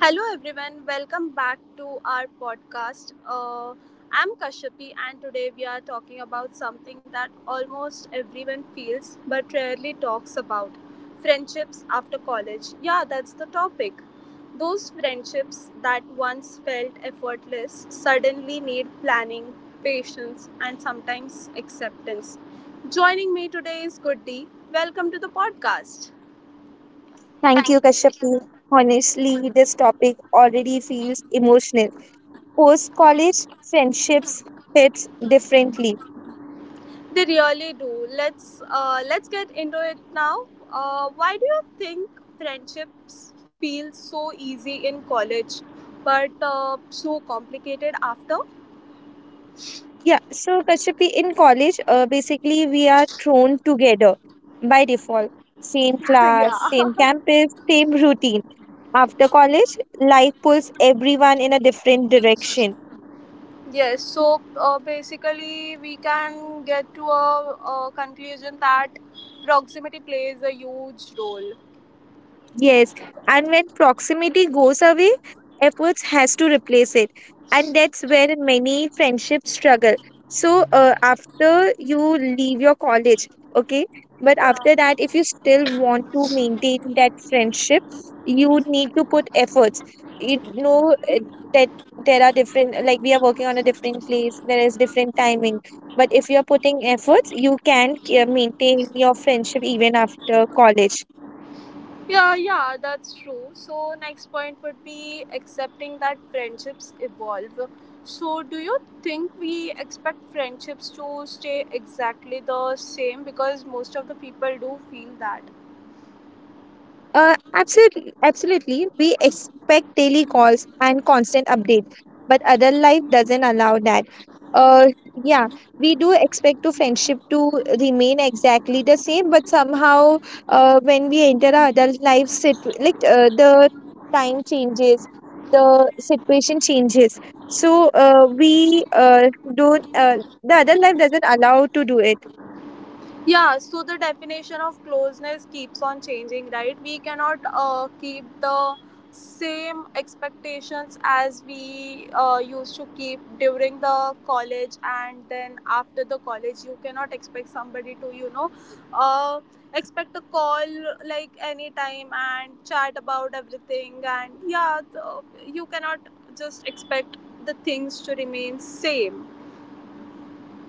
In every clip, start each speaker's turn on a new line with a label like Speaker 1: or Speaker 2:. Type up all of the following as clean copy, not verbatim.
Speaker 1: Hello, everyone. Welcome back to our podcast. I'm Kashyapi, and today we are talking about something that almost everyone feels but rarely talks about friendships after college. Yeah, that's the topic. Those friendships that once felt effortless suddenly need planning, patience, and sometimes acceptance. Joining me today is Goody. Welcome to the podcast.
Speaker 2: Thank you, Kashyapi. Honestly, this topic already feels emotional. Post college, friendships hits differently.
Speaker 1: They really do. Let's get into it now. Why do you think friendships feel so easy in college, but so complicated after?
Speaker 2: Yeah, so Kashyapi, in college, basically we are thrown together by default. Same class, same
Speaker 1: Yeah.
Speaker 2: campus, same routine. After college, life pulls everyone in a different direction.
Speaker 1: Yes. So basically, we can get to a conclusion that proximity plays a huge role.
Speaker 2: Yes, and when proximity goes away, efforts has to replace it, and that's where many friendships struggle. So after you leave your college, okay, but
Speaker 1: Yeah.
Speaker 2: after that, if you still want to maintain that friendship, you need to put efforts. You know that there are different, like we are working on a different place, there is different timing. But if you are putting efforts, you can maintain your friendship even after college.
Speaker 1: Yeah, yeah, that's true. So, next point would be accepting that friendships evolve. So, do you think we expect friendships to stay exactly the same? Because most of the people do feel that.
Speaker 2: Absolutely, absolutely. We expect daily calls and constant updates, but adult life doesn't allow that. Uh, yeah, we do expect to friendship to remain exactly the same, but somehow, when we enter our adult life, sit like the time changes, the situation changes. So, we don't. The adult life doesn't allow to do it.
Speaker 1: Yeah, so the definition of closeness keeps on changing, right? We cannot keep the same expectations as we used to keep during the college and then after the college. You cannot expect somebody to, you know, uh, expect a call like anytime and chat about everything. And yeah, you cannot just expect the things to remain same.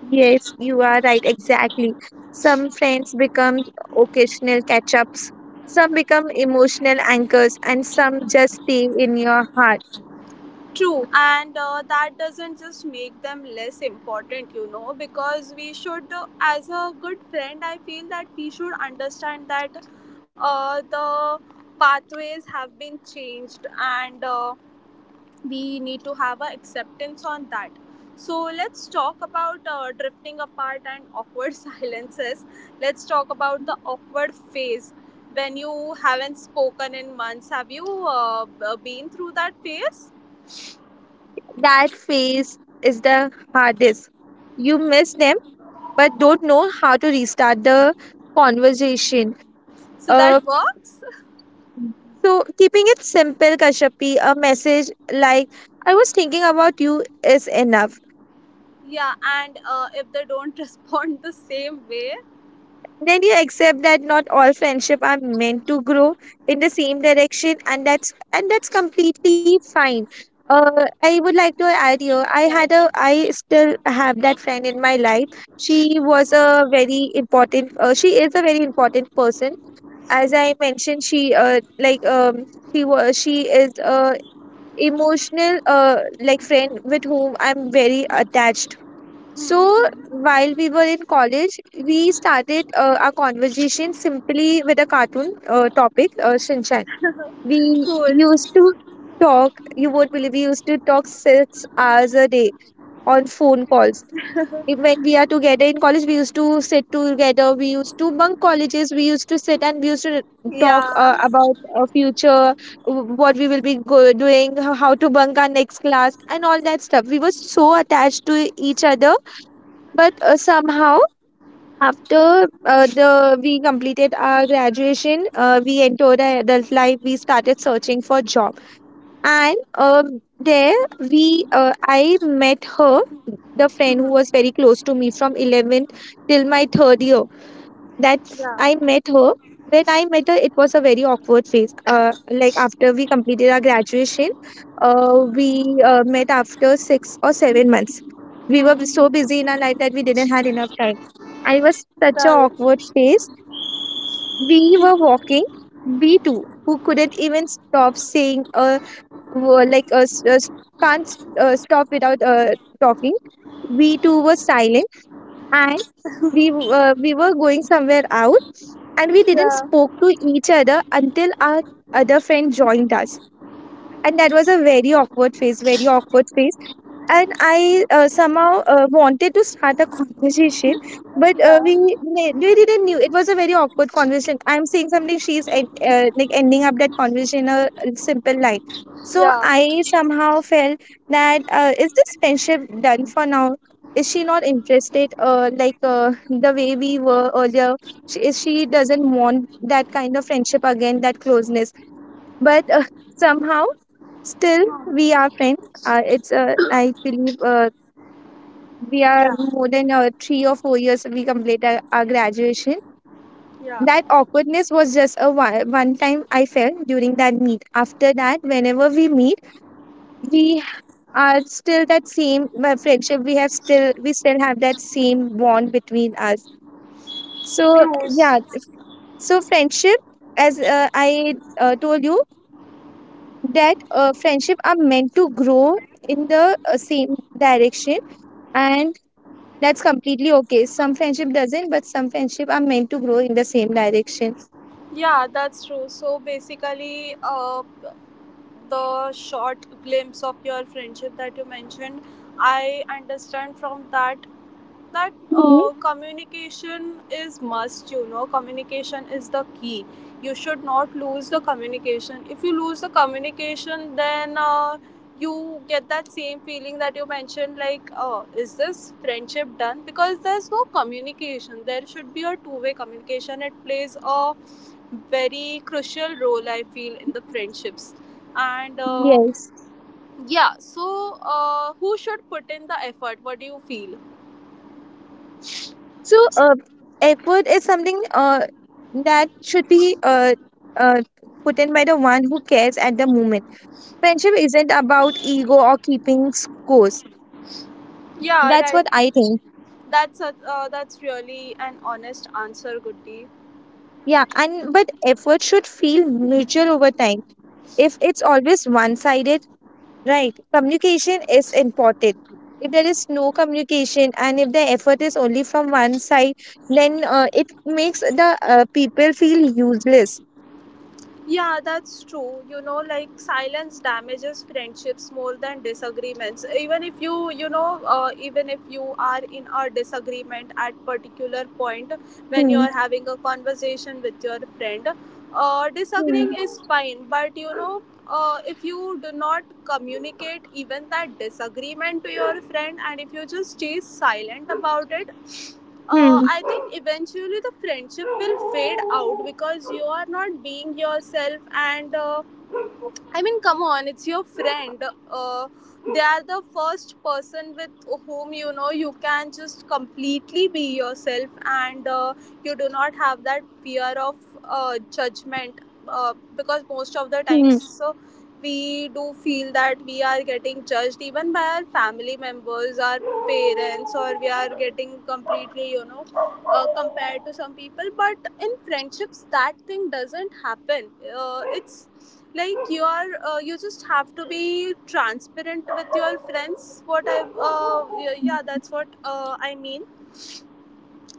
Speaker 2: Yes, you are right, exactly. Some friends become occasional catch ups, some become emotional anchors, and some just stay in your heart.
Speaker 1: True, and that doesn't just make them less important, you know, because we should, as a good friend, I feel that we should understand that the pathways have been changed and we need to have an acceptance on that. So, let's talk about drifting apart and awkward silences. Let's talk about the awkward phase when you haven't spoken in months. Have you been through that phase?
Speaker 2: That phase is the hardest. You miss them, but don't know how to restart the conversation.
Speaker 1: So that
Speaker 2: Uh,
Speaker 1: works.
Speaker 2: so, keeping it simple, Kashyapi, a message like, I was thinking about you is enough.
Speaker 1: Yeah, and if they don't respond the same way.
Speaker 2: Then you accept that not all friendship are meant to grow in the same direction, and that's completely fine. I would like to add here.
Speaker 1: Right.
Speaker 2: I still have that friend in my life. She was a very important. She is a very important person. As I mentioned, she she was she is a emotional friend with whom I'm very attached.
Speaker 1: Hmm.
Speaker 2: So
Speaker 1: Hmm.
Speaker 2: while we were in college, we started our conversation simply with a cartoon topic, Shinchan. We
Speaker 1: Cool.
Speaker 2: used to talk, you won't believe, we used to talk 6 hours a day on phone calls. When we are together in college, we used to sit together, we used to bunk colleges, we used to sit and we used to talk
Speaker 1: Yeah.
Speaker 2: about our future, what we will be doing, how to bunk our next class, and all that stuff. We were so attached to each other, but somehow after the we completed our graduation, we entered our adult life, we started searching for job, and um there we I met her, the friend who was very close to me from 11th till my third year. That's
Speaker 1: Yeah.
Speaker 2: I met her. When I met her, it was a very awkward phase. Like after we completed our graduation, we met after 6 or 7 months. We were
Speaker 1: Hmm.
Speaker 2: so busy in our life that we didn't have enough time. I was such an
Speaker 1: Right.
Speaker 2: awkward phase. We were walking, we two who couldn't even stop saying, were like s- s- can't stop without talking. We two were silent, and we were going somewhere out and we didn't
Speaker 1: Yeah.
Speaker 2: spoke to each other until our other friend joined us. And that was a very awkward phase, and I somehow wanted to start a conversation, but uh,
Speaker 1: Yeah.
Speaker 2: we we we didn't knew it was a very awkward conversation. I'm saying something, she's ending up that conversation in a simple line. So
Speaker 1: Yeah.
Speaker 2: I somehow felt that is this friendship done for now? Is she not interested? The way we were earlier, she doesn't want that kind of friendship again, that closeness. But somehow still we are friends. It's I believe we are
Speaker 1: Yeah.
Speaker 2: more than 3 or 4 years we complete our graduation.
Speaker 1: Yeah.
Speaker 2: That awkwardness was just a one time I felt during that meet. After that, whenever we meet, we are still that same friendship we have, still we still have that same bond between us. So yeah, so friendship, as I told you, that friendship are meant to grow in the same direction, and that's completely okay. Some friendship doesn't, but some friendship are meant to grow in the same direction.
Speaker 1: Yeah, that's true. So basically, the short glimpse of your friendship that you mentioned, I understand from that that
Speaker 2: Mhm,
Speaker 1: communication is must, you know, communication is the key. You should not lose the communication. If you lose the communication, then you get that same feeling that you mentioned, like, oh, is this friendship done because there's no communication? There should be a two-way communication. It plays a very crucial role, I feel, in the friendships. And
Speaker 2: yes,
Speaker 1: yeah. So who should put in the effort, what do you feel?
Speaker 2: so uh, effort is something that should be uh, put in by the one who cares at the moment. Friendship isn't about ego or keeping scores.
Speaker 1: Yeah,
Speaker 2: That's what
Speaker 1: right.
Speaker 2: I think.
Speaker 1: That's a, that's really an honest answer, Goody.
Speaker 2: Yeah, and but effort should feel mutual over time. If it's always one sided. Right. Communication is important. If there is no communication and if the effort is only from one side, then it makes the people feel useless.
Speaker 1: Yeah, that's true. You know, like silence damages friendships more than disagreements. Even if you, you know, even if you are in a disagreement at particular point when you
Speaker 2: Hmm.
Speaker 1: are having a conversation with your friend,
Speaker 2: Hmm.
Speaker 1: disagreeing is fine. But you know, if you do not communicate even that disagreement to your friend, and if you just stay silent about it,
Speaker 2: Hmm.
Speaker 1: I think eventually the friendship will fade out because you are not being yourself. And I mean, come on, it's your friend. Uh, they are the first person with whom, you know, you can just completely be yourself, and you do not have that fear of judgment, because most of the
Speaker 2: Hmm.
Speaker 1: times, so we do feel that we are getting judged even by our family members, our parents, or we are getting completely, you know, compared to some people, but in friendships that thing doesn't happen. It's like you are you just have to be transparent with your friends. What I Yeah, yeah, that's what I mean.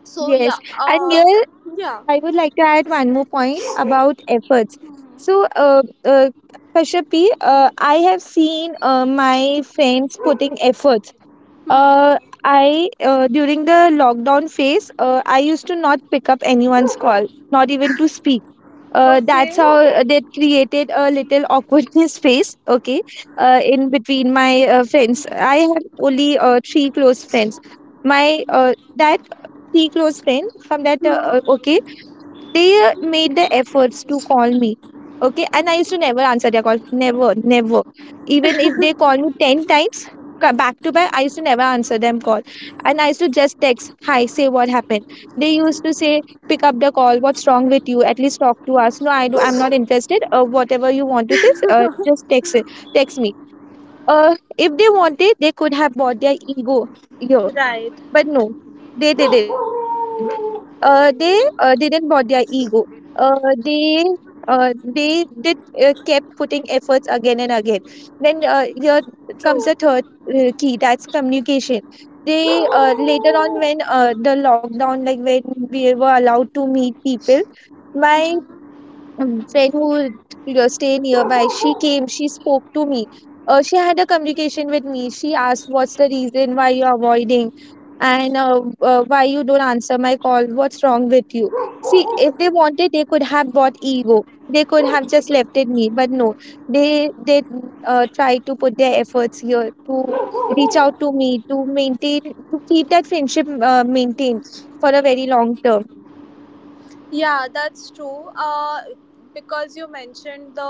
Speaker 1: So yeah.
Speaker 2: Yes. And here
Speaker 1: Yeah.
Speaker 2: I would like to add one more point about efforts.
Speaker 1: Hmm.
Speaker 2: So, Kashyapi, I have seen my friends putting effort.
Speaker 1: Hmm.
Speaker 2: Uh, I during the lockdown phase, I used to not pick up anyone's call, not even to speak.
Speaker 1: Okay.
Speaker 2: That created a little awkwardness phase. Okay, in between my friends, I have only three close friends. My that Three close friends, from that okay, they made the efforts to call me. Okay, and I used to never answer their call. Never, never. Even if they call me 10 times back to back, I used to never answer them call. And I used to just text, hi, say what happened. They used to say, pick up the call, what's wrong with you? At least talk to us. No, I'm not interested. Whatever you want to say, just text it, text me. If they wanted, they could have bought their ego. Yeah.
Speaker 1: Right.
Speaker 2: But no, they didn't. They Didn't bought their ego. Uh, they they did kept putting efforts again and again. Then here comes the
Speaker 1: True.
Speaker 2: third key. That's communication. They later on, when the lockdown, like when we were allowed to meet people, my friend who you know, stay nearby, she came, she spoke to me. She had a communication with me. She asked, what's the reason why you're avoiding, and why you don't answer my call? What's wrong with you? See, if they wanted, they could have bought ego, they could have just left it me, but no, they try to put their efforts here to reach out to me, to maintain, to keep that friendship maintained for a very long term.
Speaker 1: Yeah, that's true. Because you mentioned the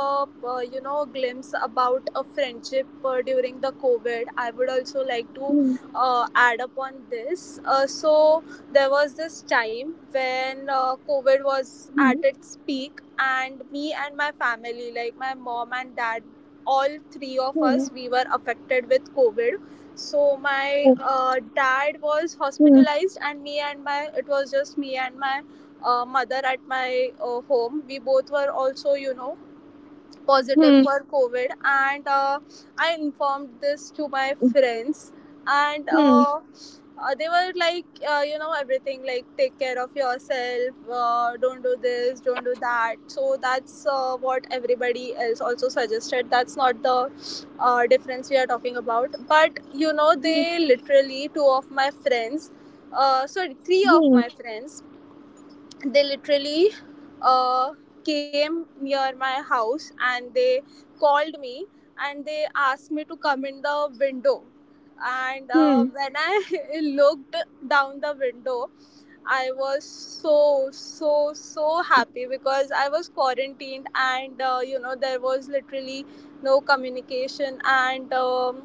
Speaker 1: you know, glimpse about a friendship during the COVID, I would also like to
Speaker 2: Hmm,
Speaker 1: add up on this. So there was this time when COVID was at
Speaker 2: hmm,
Speaker 1: its peak, and me and my family, like my mom and dad, all three of
Speaker 2: hmm,
Speaker 1: us, we were affected with COVID. So my
Speaker 2: hmm,
Speaker 1: dad was
Speaker 2: hmm.
Speaker 1: hospitalized, and me and my it was just me and my mother at my home. We both were also, you know, positive
Speaker 2: Hmm.
Speaker 1: for COVID, and I informed this to my
Speaker 2: Hmm,
Speaker 1: friends, and
Speaker 2: hmm,
Speaker 1: they were like, you know, everything like take care of yourself, don't do this, don't do that. So that's what everybody else also suggested. That's not the difference we are talking about, but you know, they literally two of my friends. Sorry, three of my
Speaker 2: hmm,
Speaker 1: friends, they literally uh, came near my house and they called me and they asked me to come in the window and
Speaker 2: hmm,
Speaker 1: when I looked down the window, I was so, so, so happy because I was quarantined and you know, there was literally no communication, and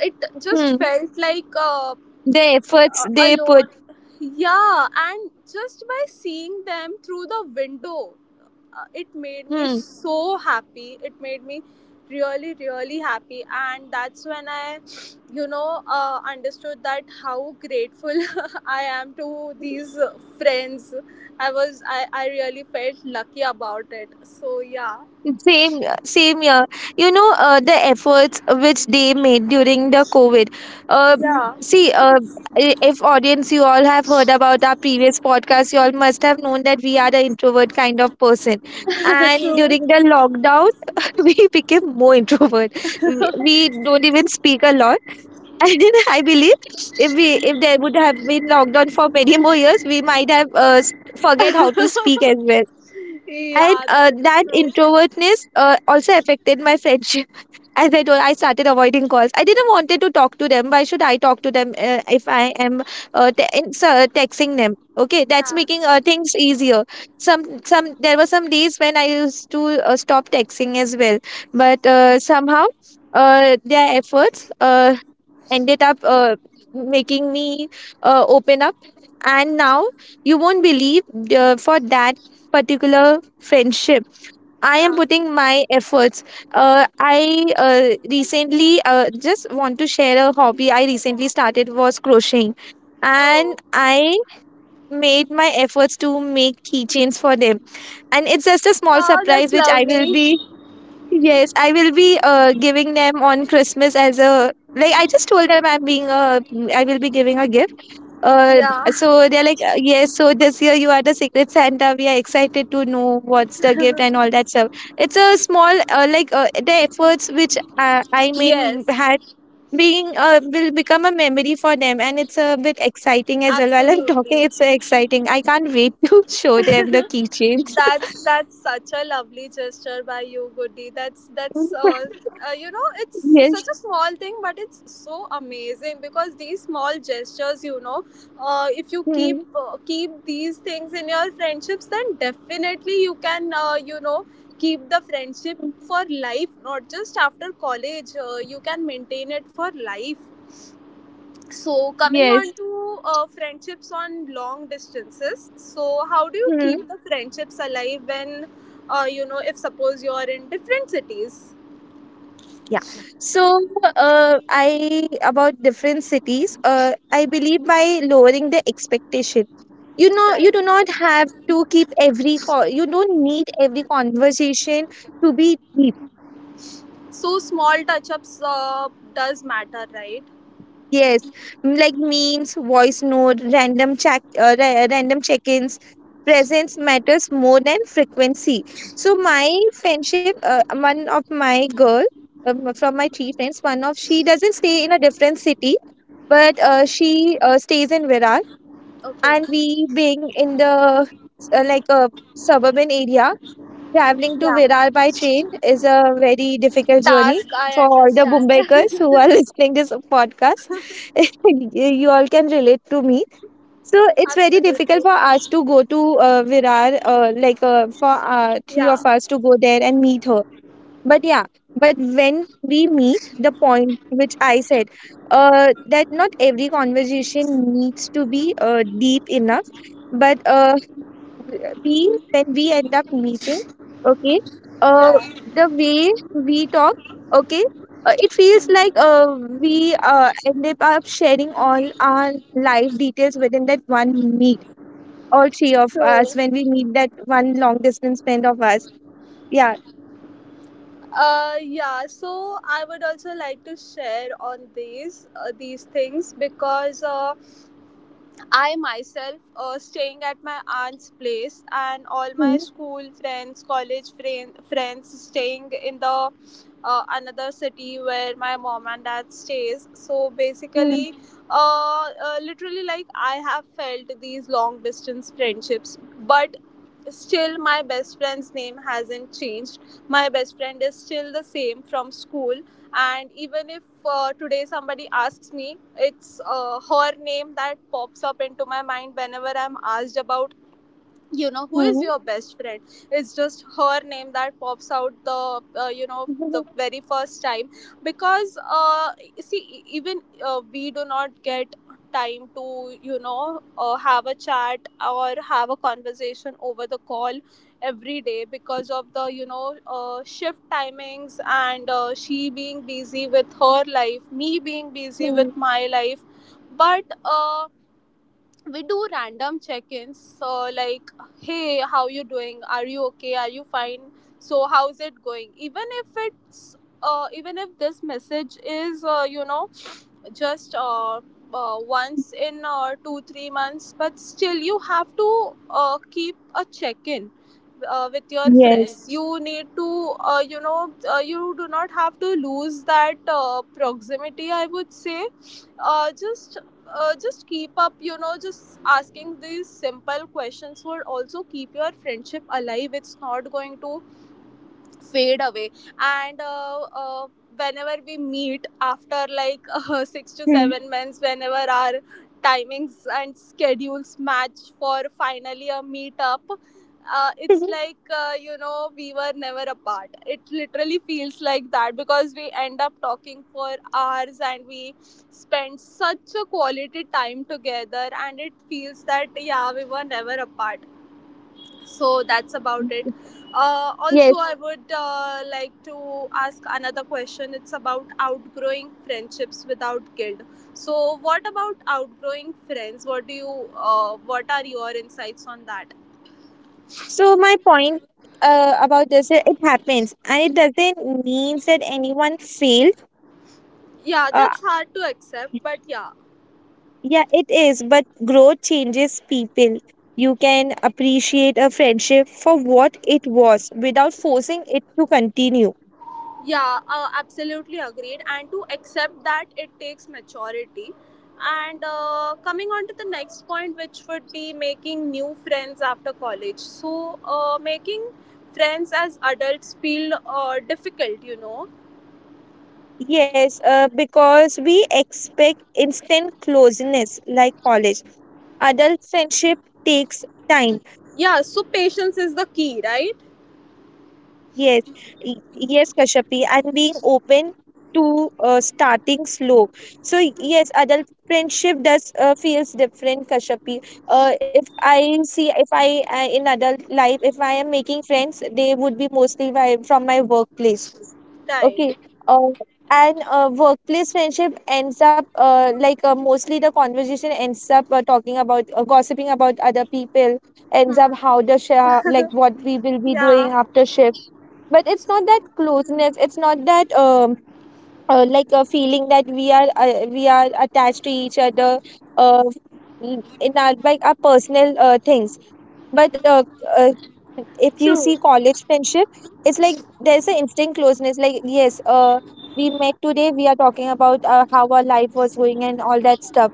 Speaker 1: it
Speaker 2: hmm.
Speaker 1: just felt like
Speaker 2: The efforts they put,
Speaker 1: alone. Yeah, and just by seeing them through the window, it made me
Speaker 2: hmm.
Speaker 1: so happy. It made me really, really happy. And that's when I, you know, understood that how grateful I am to these friends. I was, I really felt lucky about it. So, yeah.
Speaker 2: Same, same year. You know, the efforts which they made during the COVID. Uh,
Speaker 1: Yeah.
Speaker 2: see, uh, if audience, you all have heard about our previous podcast, you all must have known that we are the introvert kind of person. And
Speaker 1: True.
Speaker 2: during the lockdown, we became more introvert. We don't even speak a lot. And I believe if there would have been lockdown for many more years, we might have forget how to speak as well. And
Speaker 1: Yeah, that's
Speaker 2: that
Speaker 1: true.
Speaker 2: introvertness also affected my friendship. As I told, I started avoiding calls. I didn't wanted to talk to them. Why should I talk to them if I am texting them? Okay, that's
Speaker 1: Yeah.
Speaker 2: making things easier. Some There were some days when I used to stop texting as well, but somehow their efforts ended up making me open up. And now you won't believe, for that particular friendship, I am
Speaker 1: Yeah.
Speaker 2: putting my efforts. I recently, just want to share, a hobby I recently started was crocheting. And
Speaker 1: Oh,
Speaker 2: I made my efforts to make keychains for them. And it's just a small
Speaker 1: wow, that's
Speaker 2: surprise which I will be.
Speaker 1: lovely.
Speaker 2: Yes, I will be giving them on Christmas. As a like I just told them, I'm being a, I will be giving a gift. Uh,
Speaker 1: Yeah.
Speaker 2: so they're like, yes. So this year you are the Secret Santa. We are excited to know what's the gift and all that stuff." It's a small the efforts which I made
Speaker 1: Yes.
Speaker 2: had being will become a memory for them, and it's a bit exciting as well. While I'm talking,
Speaker 1: Absolutely.
Speaker 2: it's so exciting. I can't wait to show them the keychains.
Speaker 1: That's such a lovely gesture by you, Goody. That's you know, it's such
Speaker 2: Yes.
Speaker 1: a small thing, but it's so amazing because these small gestures, you know, if you
Speaker 2: Mm.
Speaker 1: keep these things in your friendships, then definitely you can you know, keep the friendship for life, not just after college. You can maintain it for life. So, coming
Speaker 2: Yes.
Speaker 1: on to friendships on long distances. So, how do you
Speaker 2: Hmm.
Speaker 1: keep the friendships alive when, you know, if suppose you're in different cities?
Speaker 2: Yeah. So, I about different cities. I believe by lowering the expectation, you know,
Speaker 1: Right.
Speaker 2: you do not have to keep every call. You don't need every conversation to be deep.
Speaker 1: So, small touch ups does matter, right?
Speaker 2: Yes, like memes, voice note, random check, random check-ins. Presence matters more than frequency. So my friendship, one of my girl, from my three friends, one of she doesn't stay in a different city, but
Speaker 1: Yeah.
Speaker 2: she stays in Virar, and
Speaker 1: Okay.
Speaker 2: we being in the like a suburban area. Traveling to
Speaker 1: Yeah.
Speaker 2: Virar by train is a very difficult journey
Speaker 1: Task, I
Speaker 2: for all the
Speaker 1: understand.
Speaker 2: Mumbaikars who are listening this podcast. You all can relate to me. So it's very difficult
Speaker 1: Absolutely.
Speaker 2: for us to go to Virar, for three of
Speaker 1: Yeah.
Speaker 2: us to go there and meet her. But yeah, but when we meet, the point which I said, that not every conversation needs to be deep enough, but we when we end up meeting, okay, uh
Speaker 1: Yeah.
Speaker 2: the way we talk, okay, it feels like we end up sharing all our life details within that one meet, all three of
Speaker 1: So,
Speaker 2: us when we meet that one long distance friend of us. Yeah.
Speaker 1: yeah. So, I would also like to share on these things because. I myself staying at my aunt's place, and all my
Speaker 2: Hmm.
Speaker 1: school friends, college friend, friends staying in the another city where my mom and dad stays. So
Speaker 2: Hmm.
Speaker 1: basically, uh, literally like I have felt these long distance friendships, but still my best friend's name hasn't changed. My best friend is still the same from school, and even if today somebody asks me, it's her name that pops up into my mind whenever I'm asked about, you know, who is
Speaker 2: Hmm.
Speaker 1: your best friend. It's just her name that pops out the you know, the very first time, because see e- even we do not get time to, you know, have a chat or have a conversation over the call every day because of the, you know, shift timings, and she being busy with her life, me being busy
Speaker 2: Hmm.
Speaker 1: with my life. But we do random check-ins, so like, hey, how you doing, are you okay, are you fine, so how's it going. Even if it's even if this message is you know, just once in 2-3 months, but still you have to keep a check-in with your
Speaker 2: Yes.
Speaker 1: friends. You need to you know, you do not have to lose that proximity, I would say. uh, just just keep up, you know, just asking these simple questions would also keep your friendship alive. It's not going to fade away. And whenever we meet after like 6 to
Speaker 2: Hmm.
Speaker 1: 7 months, whenever our timings and schedules match for finally a meetup, it's like you know, we were never apart. It literally feels like that because we end up talking for hours and we spend such a quality time together, and it feels that, yeah, we were never apart. So that's about it. Also,
Speaker 2: Yes.
Speaker 1: I would like to ask another question. It's about outgrowing friendships without guilt. So, what about outgrowing friends? What do you? What are your insights on that?
Speaker 2: So my point about this, it happens and it doesn't mean that anyone failed.
Speaker 1: Yeah,
Speaker 2: uh,
Speaker 1: that's hard to accept, but yeah.
Speaker 2: Yeah, it is, but growth changes people. You can appreciate a friendship for what it was without forcing it to continue.
Speaker 1: Yeah, absolutely agreed. And to accept that it takes maturity. And coming on to the next point, which would be making new friends after college. So, making friends as adults feel difficult, you know.
Speaker 2: Yes, because we expect instant closeness like college. Adult friendship takes time.
Speaker 1: Yeah, so patience is the key, right?
Speaker 2: Yes, yes, Kashyapi, and being open to starting slow. So yes, adult friendship does feels different, Kashyapi. If I see, if I in adult life, if I am making friends, they would be mostly by, from my workplace. Okay.
Speaker 1: Right.
Speaker 2: Uh, and workplace friendship ends up mostly the conversation ends up talking about gossiping about other people, ends up how the what we will be doing
Speaker 1: Yeah,
Speaker 2: after shift, but it's not that closeness, it's not that a feeling that we are attached to each other uh, in our like our personal things, but uh, if you see
Speaker 1: true.
Speaker 2: college friendship, it's like there's an instant closeness. Like, yes, we met today, we are talking about how our life was going and all that stuff.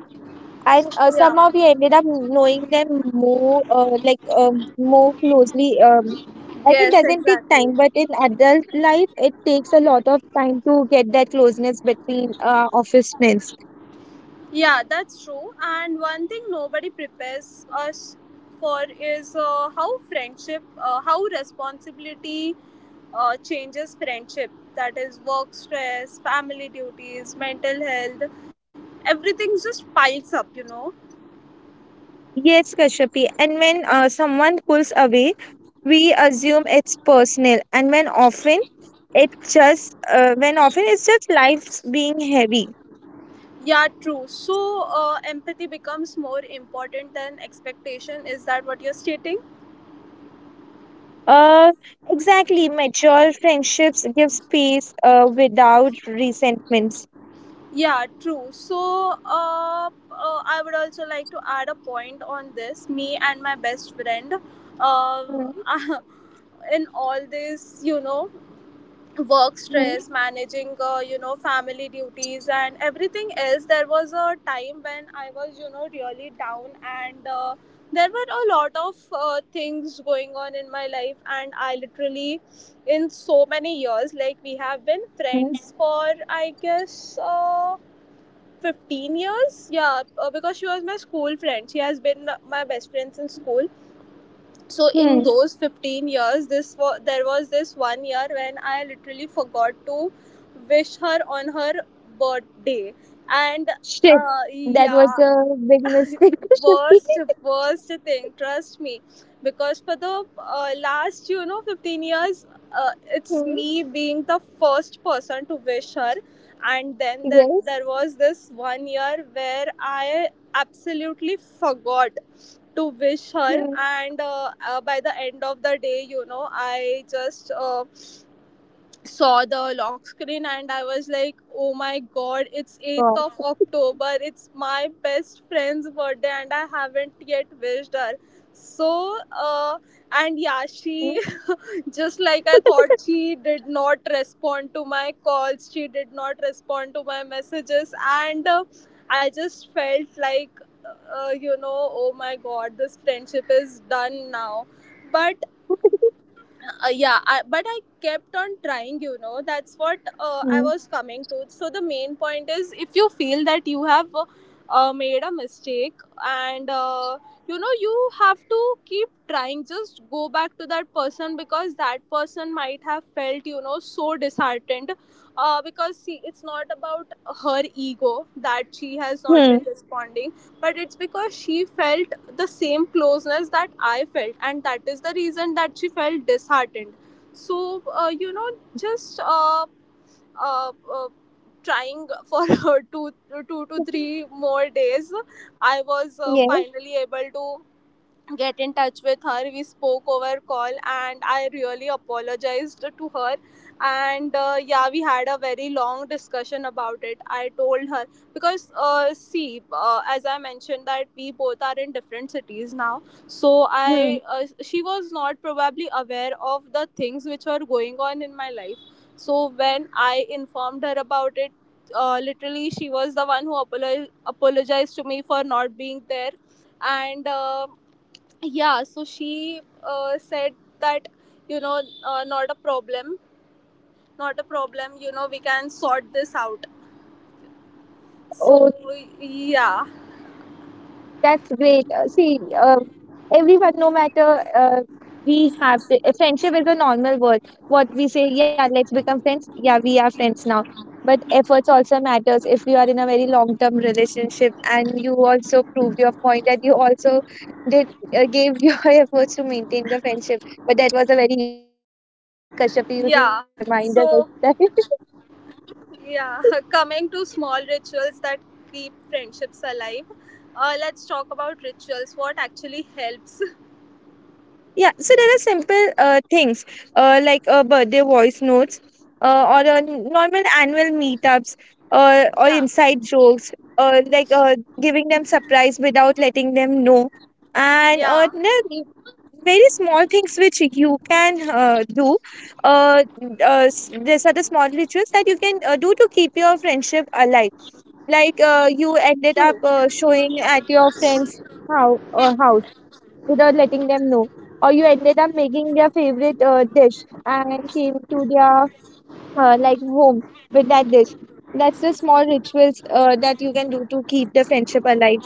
Speaker 2: And
Speaker 1: Yeah,
Speaker 2: somehow we ended up knowing them more, more closely. And it
Speaker 1: yes,
Speaker 2: doesn't take
Speaker 1: exactly.
Speaker 2: time, but in adult life, it takes a lot of time to get that closeness between office friends.
Speaker 1: Yeah, that's true. And one thing nobody prepares us for is how responsibility changes friendship. That is work stress, family duties, mental health, everything just piles up, you know.
Speaker 2: Yes, Kashyapi. And when someone pulls away, we assume it's personal, and when often it just when often it's just life being heavy.
Speaker 1: Yeah, true. So empathy becomes more important than expectation. Is that what you're stating?
Speaker 2: Uh, exactly. Mature friendships give space without resentments.
Speaker 1: Yeah, true. So, I would also like to add a point on this. Me and my best friend, uh,
Speaker 2: Hmm.
Speaker 1: in all this, work
Speaker 2: Hmm.
Speaker 1: stress, managing, family duties and everything else. There was a time when I was, you know, really down and there were a lot of things going on in my life, and I literally, in so many years, like we have been
Speaker 2: Hmm.
Speaker 1: friends for, I guess, 15 years, yeah. Because she was my school friend, she has been my best friend since school. So in
Speaker 2: Hmm.
Speaker 1: those 15 years, this there was this one year when I literally forgot to wish her on her birthday. and
Speaker 2: Shit,
Speaker 1: uh,
Speaker 2: that was
Speaker 1: yeah.
Speaker 2: a big mistake, Kashyapi.
Speaker 1: worst Worst thing, trust me, because for the last, you know, 15 years, uh, it's
Speaker 2: Hmm.
Speaker 1: me being the first person to wish her. And then there,
Speaker 2: Yes.
Speaker 1: there was this one year where I absolutely forgot to wish her.
Speaker 2: Hmm.
Speaker 1: And by the end of the day, you know, I just saw the lock screen, and I was like, oh my god, it's 8th of
Speaker 2: God.
Speaker 1: October. It's my best friend's birthday and I haven't yet wished her. So, uh, and yeah,
Speaker 2: Hmm.
Speaker 1: she just like I thought, she did not respond to my calls, she did not respond to my messages, and I just felt like, you know, oh my god, this friendship is done now. But yeah, but I kept on trying, you know. That's what I
Speaker 2: Hmm.
Speaker 1: was coming to. So the main point is, if you feel that you have made a mistake and you know, you have to keep trying. Just go back to that person, because that person might have felt, you know, so disheartened, because see, it's not about her ego that she has not
Speaker 2: Hmm.
Speaker 1: been responding, but it's because she felt the same closeness that I felt, and that is the reason that she felt disheartened. So you know, just uh, uh, trying for two to three more days, I was
Speaker 2: Yes.
Speaker 1: finally able to get in touch with her. We spoke over call and I really apologized to her. And yeah, we had a very long discussion about it. I told her, because see, as I mentioned, that we both are in different cities now. So
Speaker 2: Hmm.
Speaker 1: I she was not probably aware of the things which were going on in my life. So when I informed her about it, literally she was the one who apologized to me for not being there. And yeah, so she said that, you know, not a problem. Not a problem, you know, we can sort this out. So
Speaker 2: Oh.
Speaker 1: yeah.
Speaker 2: That's great. See, everyone, no matter, we have to, friendship is a normal word. What we say, yeah, let's become friends. Yeah, we are friends now. But efforts also matters. If you are in a very long-term relationship and you also prove your point that you also did gave your efforts to maintain the friendship, but that was a very huge mistake,
Speaker 1: Yeah,
Speaker 2: Kashyapi. You should put
Speaker 1: so
Speaker 2: a reminder next time.
Speaker 1: yeah. Coming to small rituals that keep friendships alive, let's talk about rituals. What actually helps?
Speaker 2: Yeah, so there are simple things birthday voice notes or normal annual meetups
Speaker 1: Yeah.
Speaker 2: or inside jokes, uh, like uh, giving them surprise without letting them know.
Speaker 1: Yeah,
Speaker 2: And there are very small things which you can do. Uh, these are the small rituals that you can do to keep your friendship alive. Like you ended
Speaker 1: true.
Speaker 2: up showing at your friend's how house, without letting them know. Or you ended up making their favorite dish and came to their home with that dish. That's the small rituals that you can do to keep the friendship alive.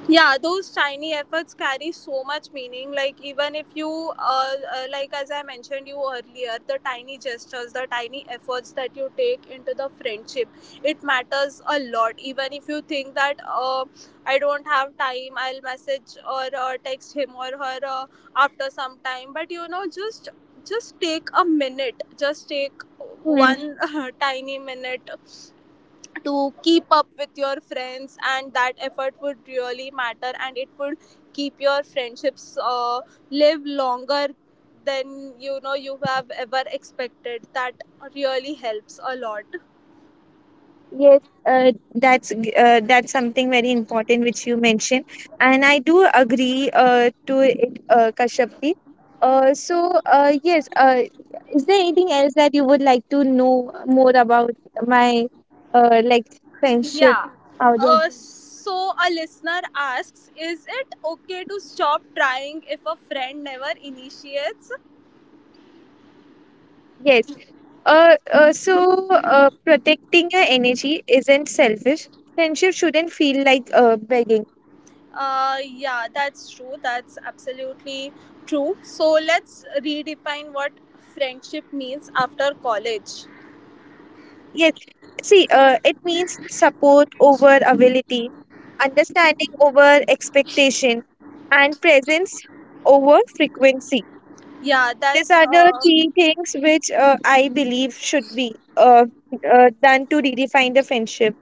Speaker 1: Yeah, those tiny efforts carry so much meaning. Like, even if you like as I mentioned you earlier, the tiny gestures, the tiny efforts that you take into the friendship, it matters a lot. Even if you think that, I don't have time, I'll message or text him or her after some time, but you know, just take a minute, just take
Speaker 2: Hmm.
Speaker 1: one tiny minute to keep up with your friends, and that effort would really matter, and it would keep your friendships live longer than, you know, you have ever expected. That really helps a lot.
Speaker 2: Yes, that's something very important which you mentioned, and I do agree to it, Kashyapi. Yes, is there anything else that you would like to know more about my friendship?
Speaker 1: Yeah.
Speaker 2: How?
Speaker 1: So, a listener asks, is it okay to stop trying if a friend never initiates?
Speaker 2: Yes. Protecting your energy isn't selfish. Friendship shouldn't feel like begging.
Speaker 1: Yeah, that's true. That's absolutely true. So let's redefine what friendship means after college.
Speaker 2: Yes. See, it means support over ability, understanding over expectation, and presence over frequency.
Speaker 1: Yeah,
Speaker 2: These
Speaker 1: that's
Speaker 2: are the three things which I believe should be done to redefine the friendship.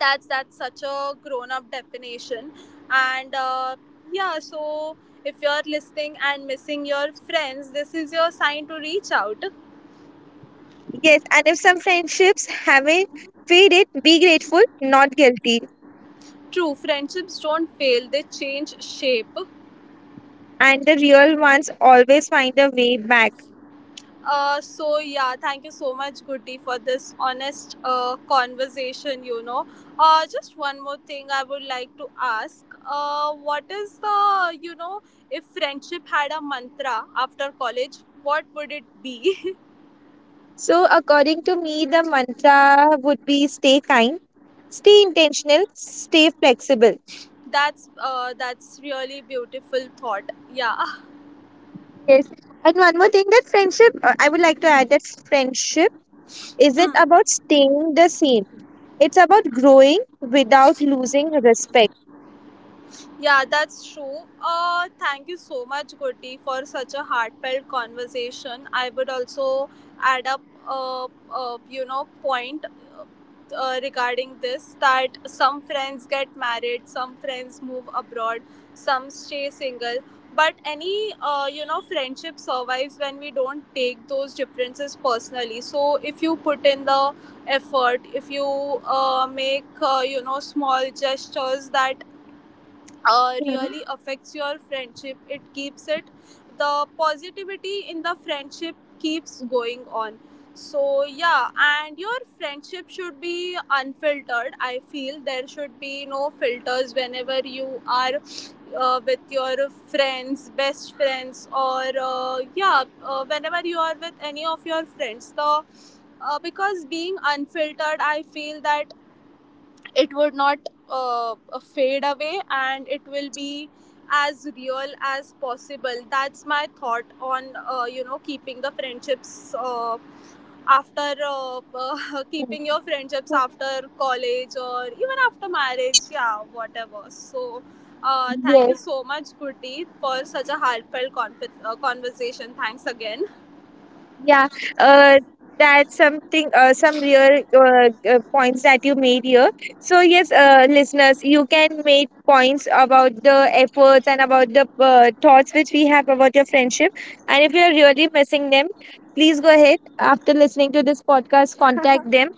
Speaker 1: that's such a grown-up definition. And yeah, so if you're listening and missing your friends, this is your sign to reach out.
Speaker 2: Yes, and if some friendships haven't faded, be grateful, not guilty.
Speaker 1: True, friendships don't fail; they change shape.
Speaker 2: And the real ones always find a way back.
Speaker 1: So yeah, thank you so much, Goody, for this honest conversation. You know, just one more thing I would like to ask. What is the, you know, if friendship had a mantra after college, what would it be?
Speaker 2: So, according to me, the mantra would be stay kind, stay intentional, stay flexible.
Speaker 1: That's that's really beautiful thought. Yeah.
Speaker 2: Yes. And one more thing, that friendship, I would like to add that friendship isn't
Speaker 1: Mm.
Speaker 2: about staying the same, it's about growing without losing respect.
Speaker 1: Yeah, that's true. Thank you so much, Gurti, for such a heartfelt conversation. I would also add up a, a, you know, point regarding this, that some friends get married, some friends move abroad, some stay single. But any, you know, friendship survives when we don't take those differences personally. So if you put in the effort, if you make you know, small gestures, that
Speaker 2: Mhm.
Speaker 1: really affects your friendship. It keeps it the positivity in the friendship keeps going on. So yeah, and your friendship should be unfiltered. I feel there should be no filters whenever you are with your friends, best friends, or yeah, whenever you are with any of your friends, the because being unfiltered, I feel that it would not uh, fade away, and it will be as real as possible. That's my thought on you know, keeping the friendships after keeping your friendships after college or even after marriage, yeah, whatever. So thank
Speaker 2: Yes.
Speaker 1: you so much, Kurti, for such a heartfelt conversation. Thanks again.
Speaker 2: Yeah, uh, that's something, some real points that you made here. So, yes, listeners, you can make points about the efforts and about the thoughts which we have about your friendship. And if you're really missing them, please go ahead after listening to this podcast, contact them.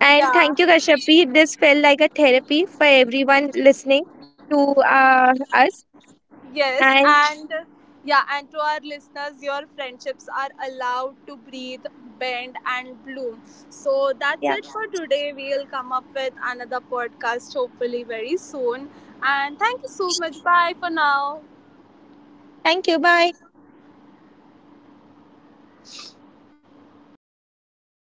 Speaker 2: And
Speaker 1: Yeah.
Speaker 2: thank you, Kashyapi. This felt like a therapy for everyone listening to us.
Speaker 1: Yes,
Speaker 2: And
Speaker 1: and yeah, and to our listeners, your friendships are allowed to breathe, bend, and bloom. So that's
Speaker 2: yeah,
Speaker 1: it for today. We'll come up with another podcast, hopefully, very soon. And thank you so much. Bye for now.
Speaker 2: thank you. Bye.